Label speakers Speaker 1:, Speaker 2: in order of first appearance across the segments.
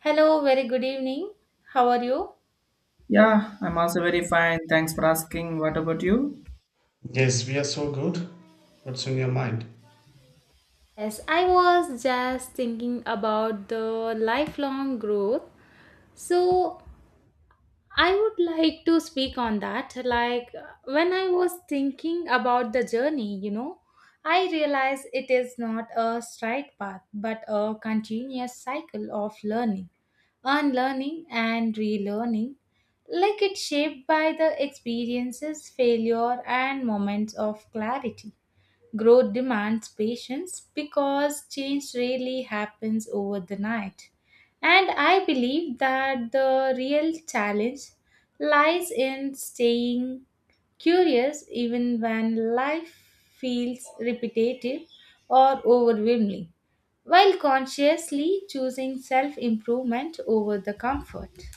Speaker 1: Hello, very good evening. How are you?
Speaker 2: Yeah, I'm also very fine. Thanks for asking. What about you?
Speaker 3: Yes, we are so good. What's on your mind?
Speaker 1: Yes, I was just thinking about the lifelong growth. So, I would like to speak on that. Like, when I was thinking about the journey, you know, I realized it is not a straight path, but a continuous cycle of learning, unlearning, and relearning. Like, it's shaped by the experiences, failure, and moments of clarity. Growth demands patience because change rarely happens over the night. And I believe that the real challenge lies in staying curious even when life feels repetitive or overwhelming, while consciously choosing self improvement over the comfort.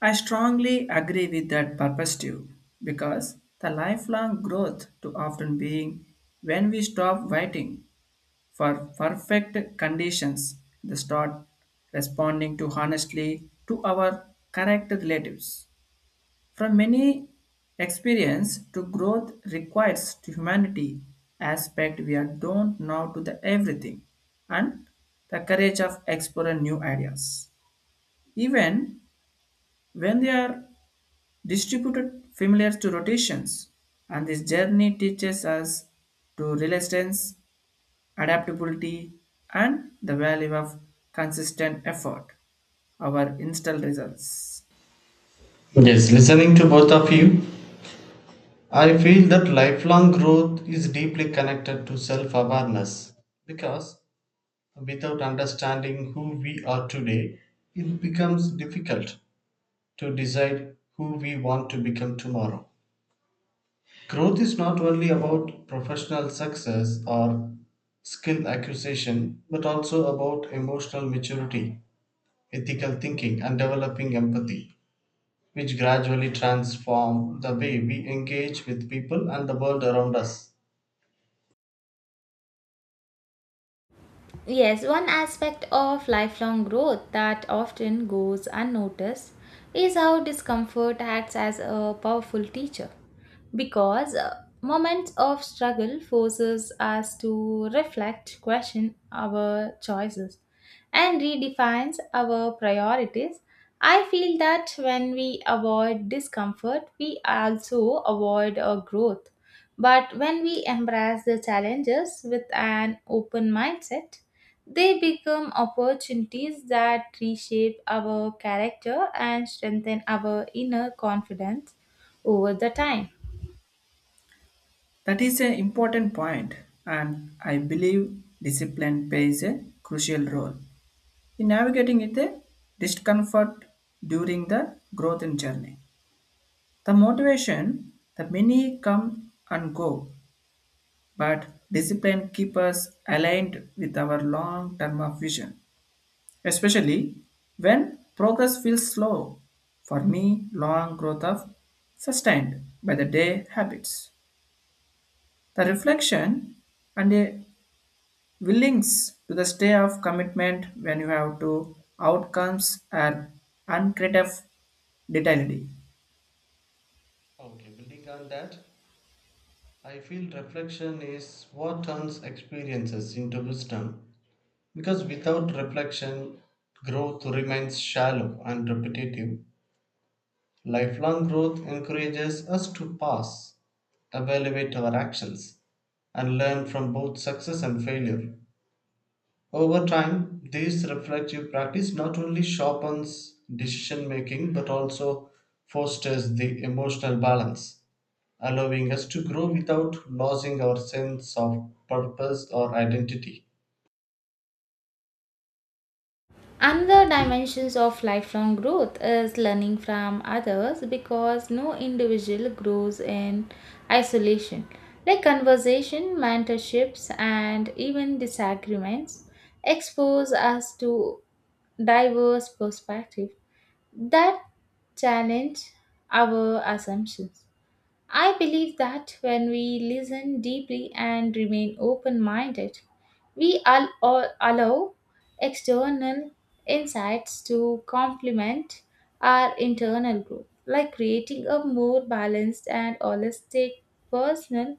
Speaker 2: I strongly agree with that perspective because the lifelong growth to often being when we stop waiting for perfect conditions and start responding to honestly to our correct relatives. From many experience to growth requires to humanity aspect we are don't know to the everything and the courage of exploring new ideas. Even when they are distributed familiar to rotations and this journey teaches us to resistance, adaptability and the value of consistent effort, our install results.
Speaker 3: Yes, listening to both of you, I feel that lifelong growth is deeply connected to self awareness because without understanding who we are today, it becomes difficult to decide who we want to become tomorrow. Growth is not only about professional success or skill acquisition, but also about emotional maturity, ethical thinking, and developing empathy, which gradually transform the way we engage with people and the world around us.
Speaker 1: Yes, one aspect of lifelong growth that often goes unnoticed is how discomfort acts as a powerful teacher because moments of struggle forces us to reflect, question our choices and redefines our priorities. I feel that when we avoid discomfort, we also avoid growth. But when we embrace the challenges with an open mindset, they become opportunities that reshape our character and strengthen our inner confidence over the time.
Speaker 2: That is an important point, and I believe discipline plays a crucial role in navigating it the discomfort during the growth in journey. The motivation, the many come and go, but discipline keeps us aligned with our long-term of vision, especially when progress feels slow. For me, long growth of sustained by the day habits. The reflection and a Willings to the stay of commitment when you have to outcomes and uncreative detailed.
Speaker 3: Okay, building on that, I feel reflection is what turns experiences into wisdom, because without reflection, growth remains shallow and repetitive. Lifelong growth encourages us to pause, evaluate our actions, and learn from both success and failure. Over time, this reflective practice not only sharpens decision making but also fosters the emotional balance, allowing us to grow without losing our sense of purpose or identity.
Speaker 1: Another dimensions of lifelong growth is learning from others because no individual grows in isolation. Like conversation, mentorships, and even disagreements expose us to diverse perspectives that challenge our assumptions. I believe that when we listen deeply and remain open minded, we allow external insights to complement our internal growth, like creating a more balanced and holistic personal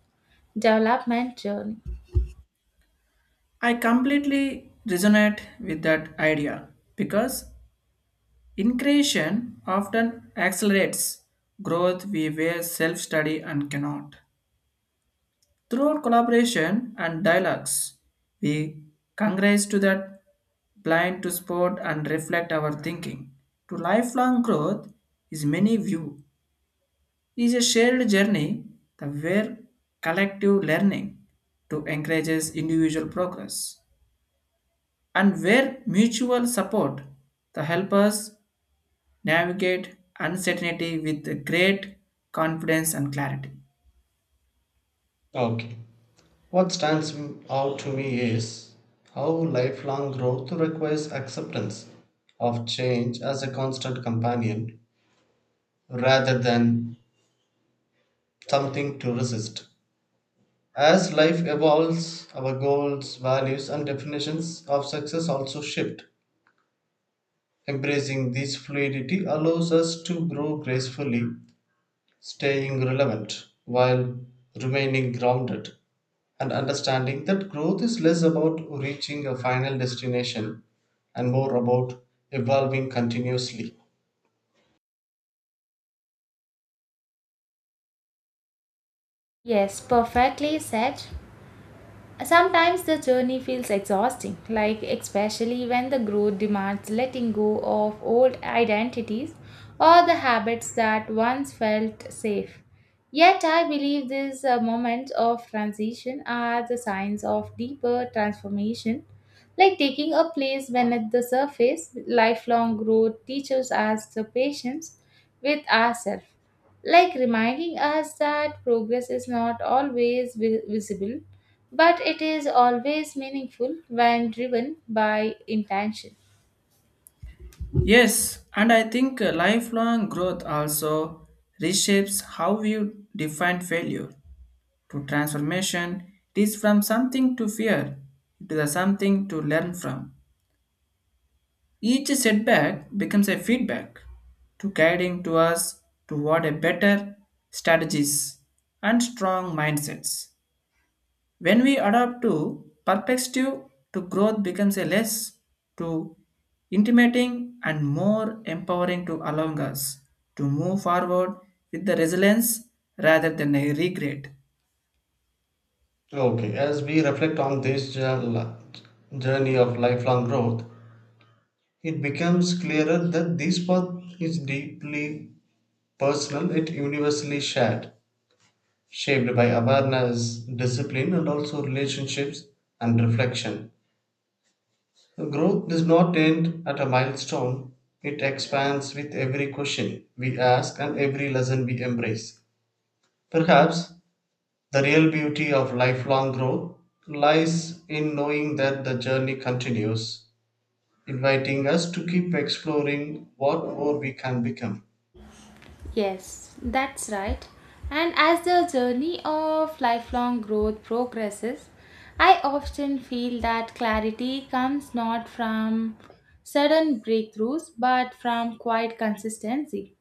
Speaker 1: development journey.
Speaker 2: I completely resonate with that idea because increation often accelerates growth we were self-study and cannot. Through collaboration and dialogues, we congress to that blind to sport and reflect our thinking. To lifelong growth is many view is a shared journey the where collective learning to encourages individual progress and where mutual support to help us navigate uncertainty with great confidence and clarity.
Speaker 3: Okay. What stands out to me is how lifelong growth requires acceptance of change as a constant companion rather than something to resist. As life evolves, our goals, values, and definitions of success also shift. Embracing this fluidity allows us to grow gracefully, staying relevant while remaining grounded, and understanding that growth is less about reaching a final destination and more about evolving continuously.
Speaker 1: Yes, perfectly said. Sometimes the journey feels exhausting, like especially when the growth demands letting go of old identities or the habits that once felt safe. Yet, I believe these moments of transition are the signs of deeper transformation, like taking a place beneath the surface. Lifelong growth teaches us the patience with ourselves, like reminding us that progress is not always visible but it is always meaningful when driven by intention.
Speaker 2: Yes, and I think lifelong growth also reshapes how we define failure to transformation. It is from something to fear to the something to learn from. Each setback becomes a feedback to guiding to us toward a better strategies and strong mindsets. When we adapt to perspective to growth becomes a less to intimating and more empowering to allowing us to move forward with the resilience rather than a regret.
Speaker 3: Okay, as we reflect on this journey of lifelong growth, it becomes clearer that this path is deeply personal, yet universally shared, shaped by awareness, discipline, and also relationships and reflection. Growth does not end at a milestone, it expands with every question we ask and every lesson we embrace. Perhaps the real beauty of lifelong growth lies in knowing that the journey continues, inviting us to keep exploring what more we can become.
Speaker 1: Yes, that's right. And as the journey of lifelong growth progresses, I often feel that clarity comes not from sudden breakthroughs but from quiet consistency,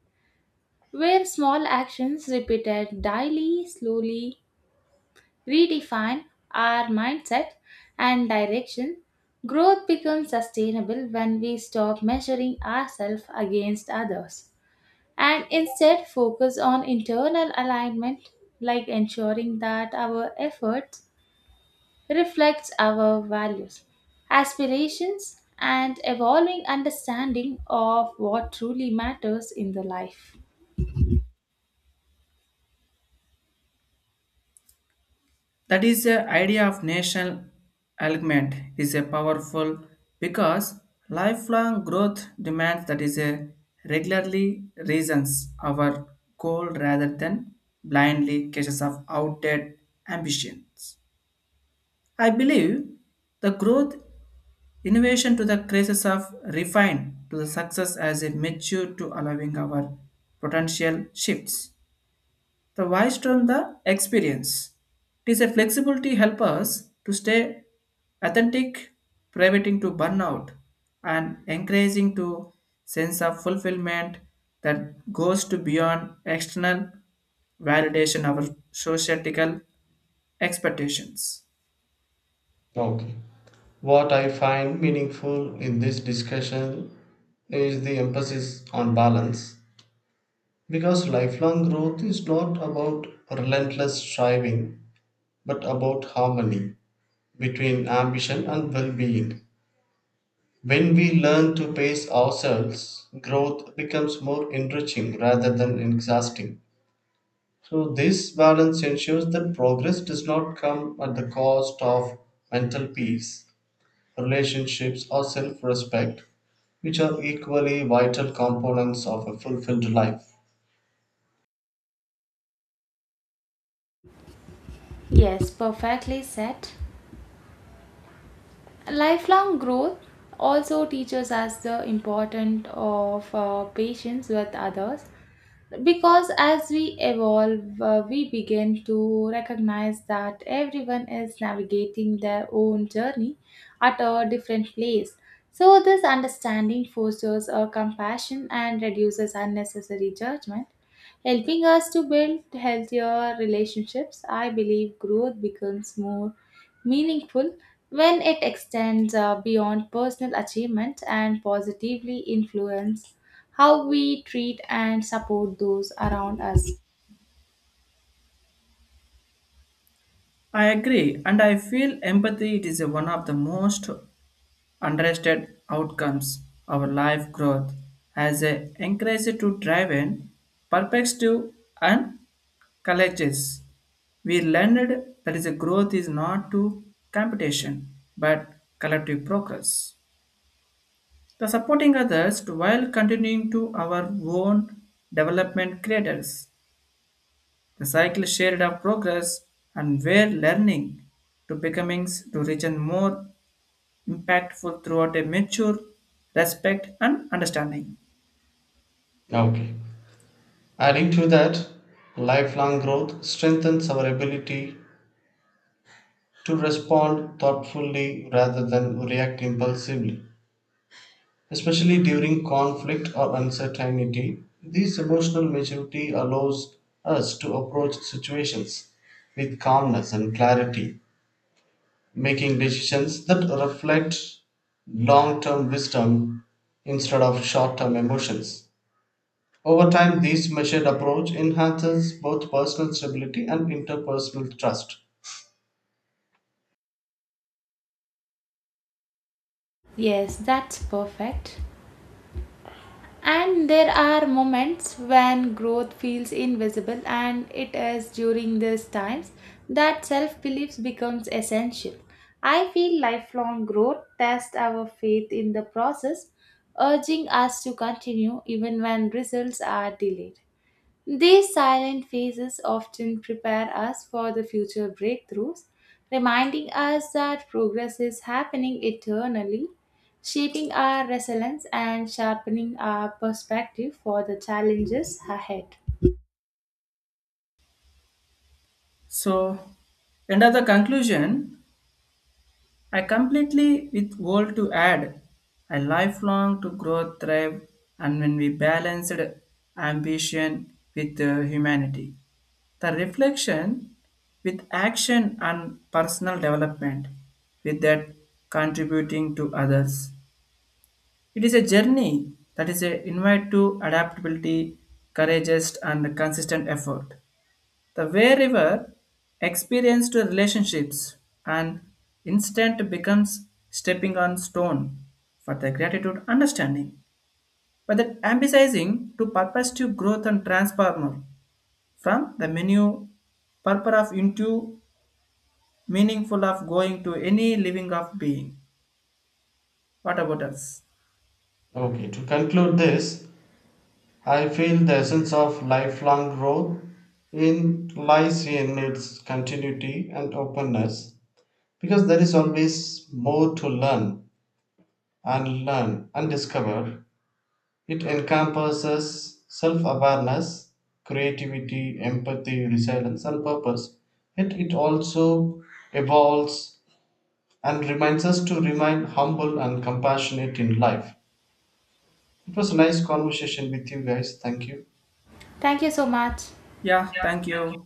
Speaker 1: where small actions repeated daily, slowly, redefine our mindset and direction, growth becomes sustainable when we stop measuring ourselves against others and instead focus on internal alignment like ensuring that our efforts reflects our values, aspirations and evolving understanding of what truly matters in the life.
Speaker 2: That is the idea of national alignment is a powerful because lifelong growth demands that is a regularly reasons our goal rather than blindly cases of outdated ambitions. I believe the growth innovation to the crisis of refine to the success as a mature to allowing our potential shifts. The wise from the experience. It is a flexibility help us to stay authentic, preventing to burnout and encouraging to sense of fulfillment that goes to beyond external validation of our societal expectations.
Speaker 3: Okay. What I find meaningful in this discussion is the emphasis on balance, because lifelong growth is not about relentless striving but about harmony between ambition and well being. When we learn to pace ourselves, growth becomes more enriching rather than exhausting. So, this balance ensures that progress does not come at the cost of mental peace, relationships, or self respect, which are equally vital components of a fulfilled life.
Speaker 1: Yes, perfectly said. Lifelong growth also teaches us the importance of patience with others because as we evolve we begin to recognize that everyone is navigating their own journey at a different place so this understanding fosters a compassion and reduces unnecessary judgment helping us to build healthier relationships. I believe growth becomes more meaningful when it extends beyond personal achievement and positively influence how we treat and support those around us.
Speaker 2: I agree, and I feel empathy it is one of the most unrested outcomes our life growth has a encouraged to drive in perspective and colleges. We learned that is a growth is not to competition but collective progress. The supporting others to while continuing to our own development creators. The cycle shared of progress and where learning to becoming to reach a more impactful throughout a mature respect and understanding.
Speaker 3: Okay. Adding to that, lifelong growth strengthens our ability to respond thoughtfully rather than react impulsively, especially during conflict or uncertainty. This emotional maturity allows us to approach situations with calmness and clarity, making decisions that reflect long term wisdom instead of short term emotions. Over time, this measured approach enhances both personal stability and interpersonal trust.
Speaker 1: Yes, that's perfect. And there are moments when growth feels invisible, and it is during these times that self belief becomes essential. I feel lifelong growth tests our faith in the process, urging us to continue even when results are delayed. These silent phases often prepare us for the future breakthroughs, reminding us that progress is happening eternally, shaping our resilience and sharpening our perspective for the challenges ahead.
Speaker 2: So, end of the conclusion, I completely with world to add a lifelong to grow, thrive, and when we balanced ambition with humanity, the reflection with action and personal development, with that contributing to others. It is a journey that is a invite to adaptability, courageous, and consistent effort. The way river experience to relationships and instant becomes stepping on stone for the gratitude understanding, but that emphasizing to purpose to growth and transformer from the menu purpose of into meaningful of going to any living of being. What about us?
Speaker 3: Okay, to conclude this, I feel the essence of lifelong growth in lies in its continuity and openness, because there is always more to learn and discover. It encompasses self awareness, creativity, empathy, resilience, and purpose. Yet it also evolves and reminds us to remain humble and compassionate in life. It was a nice conversation with you guys. Thank you.
Speaker 1: Thank you so much.
Speaker 2: Yeah, thank you.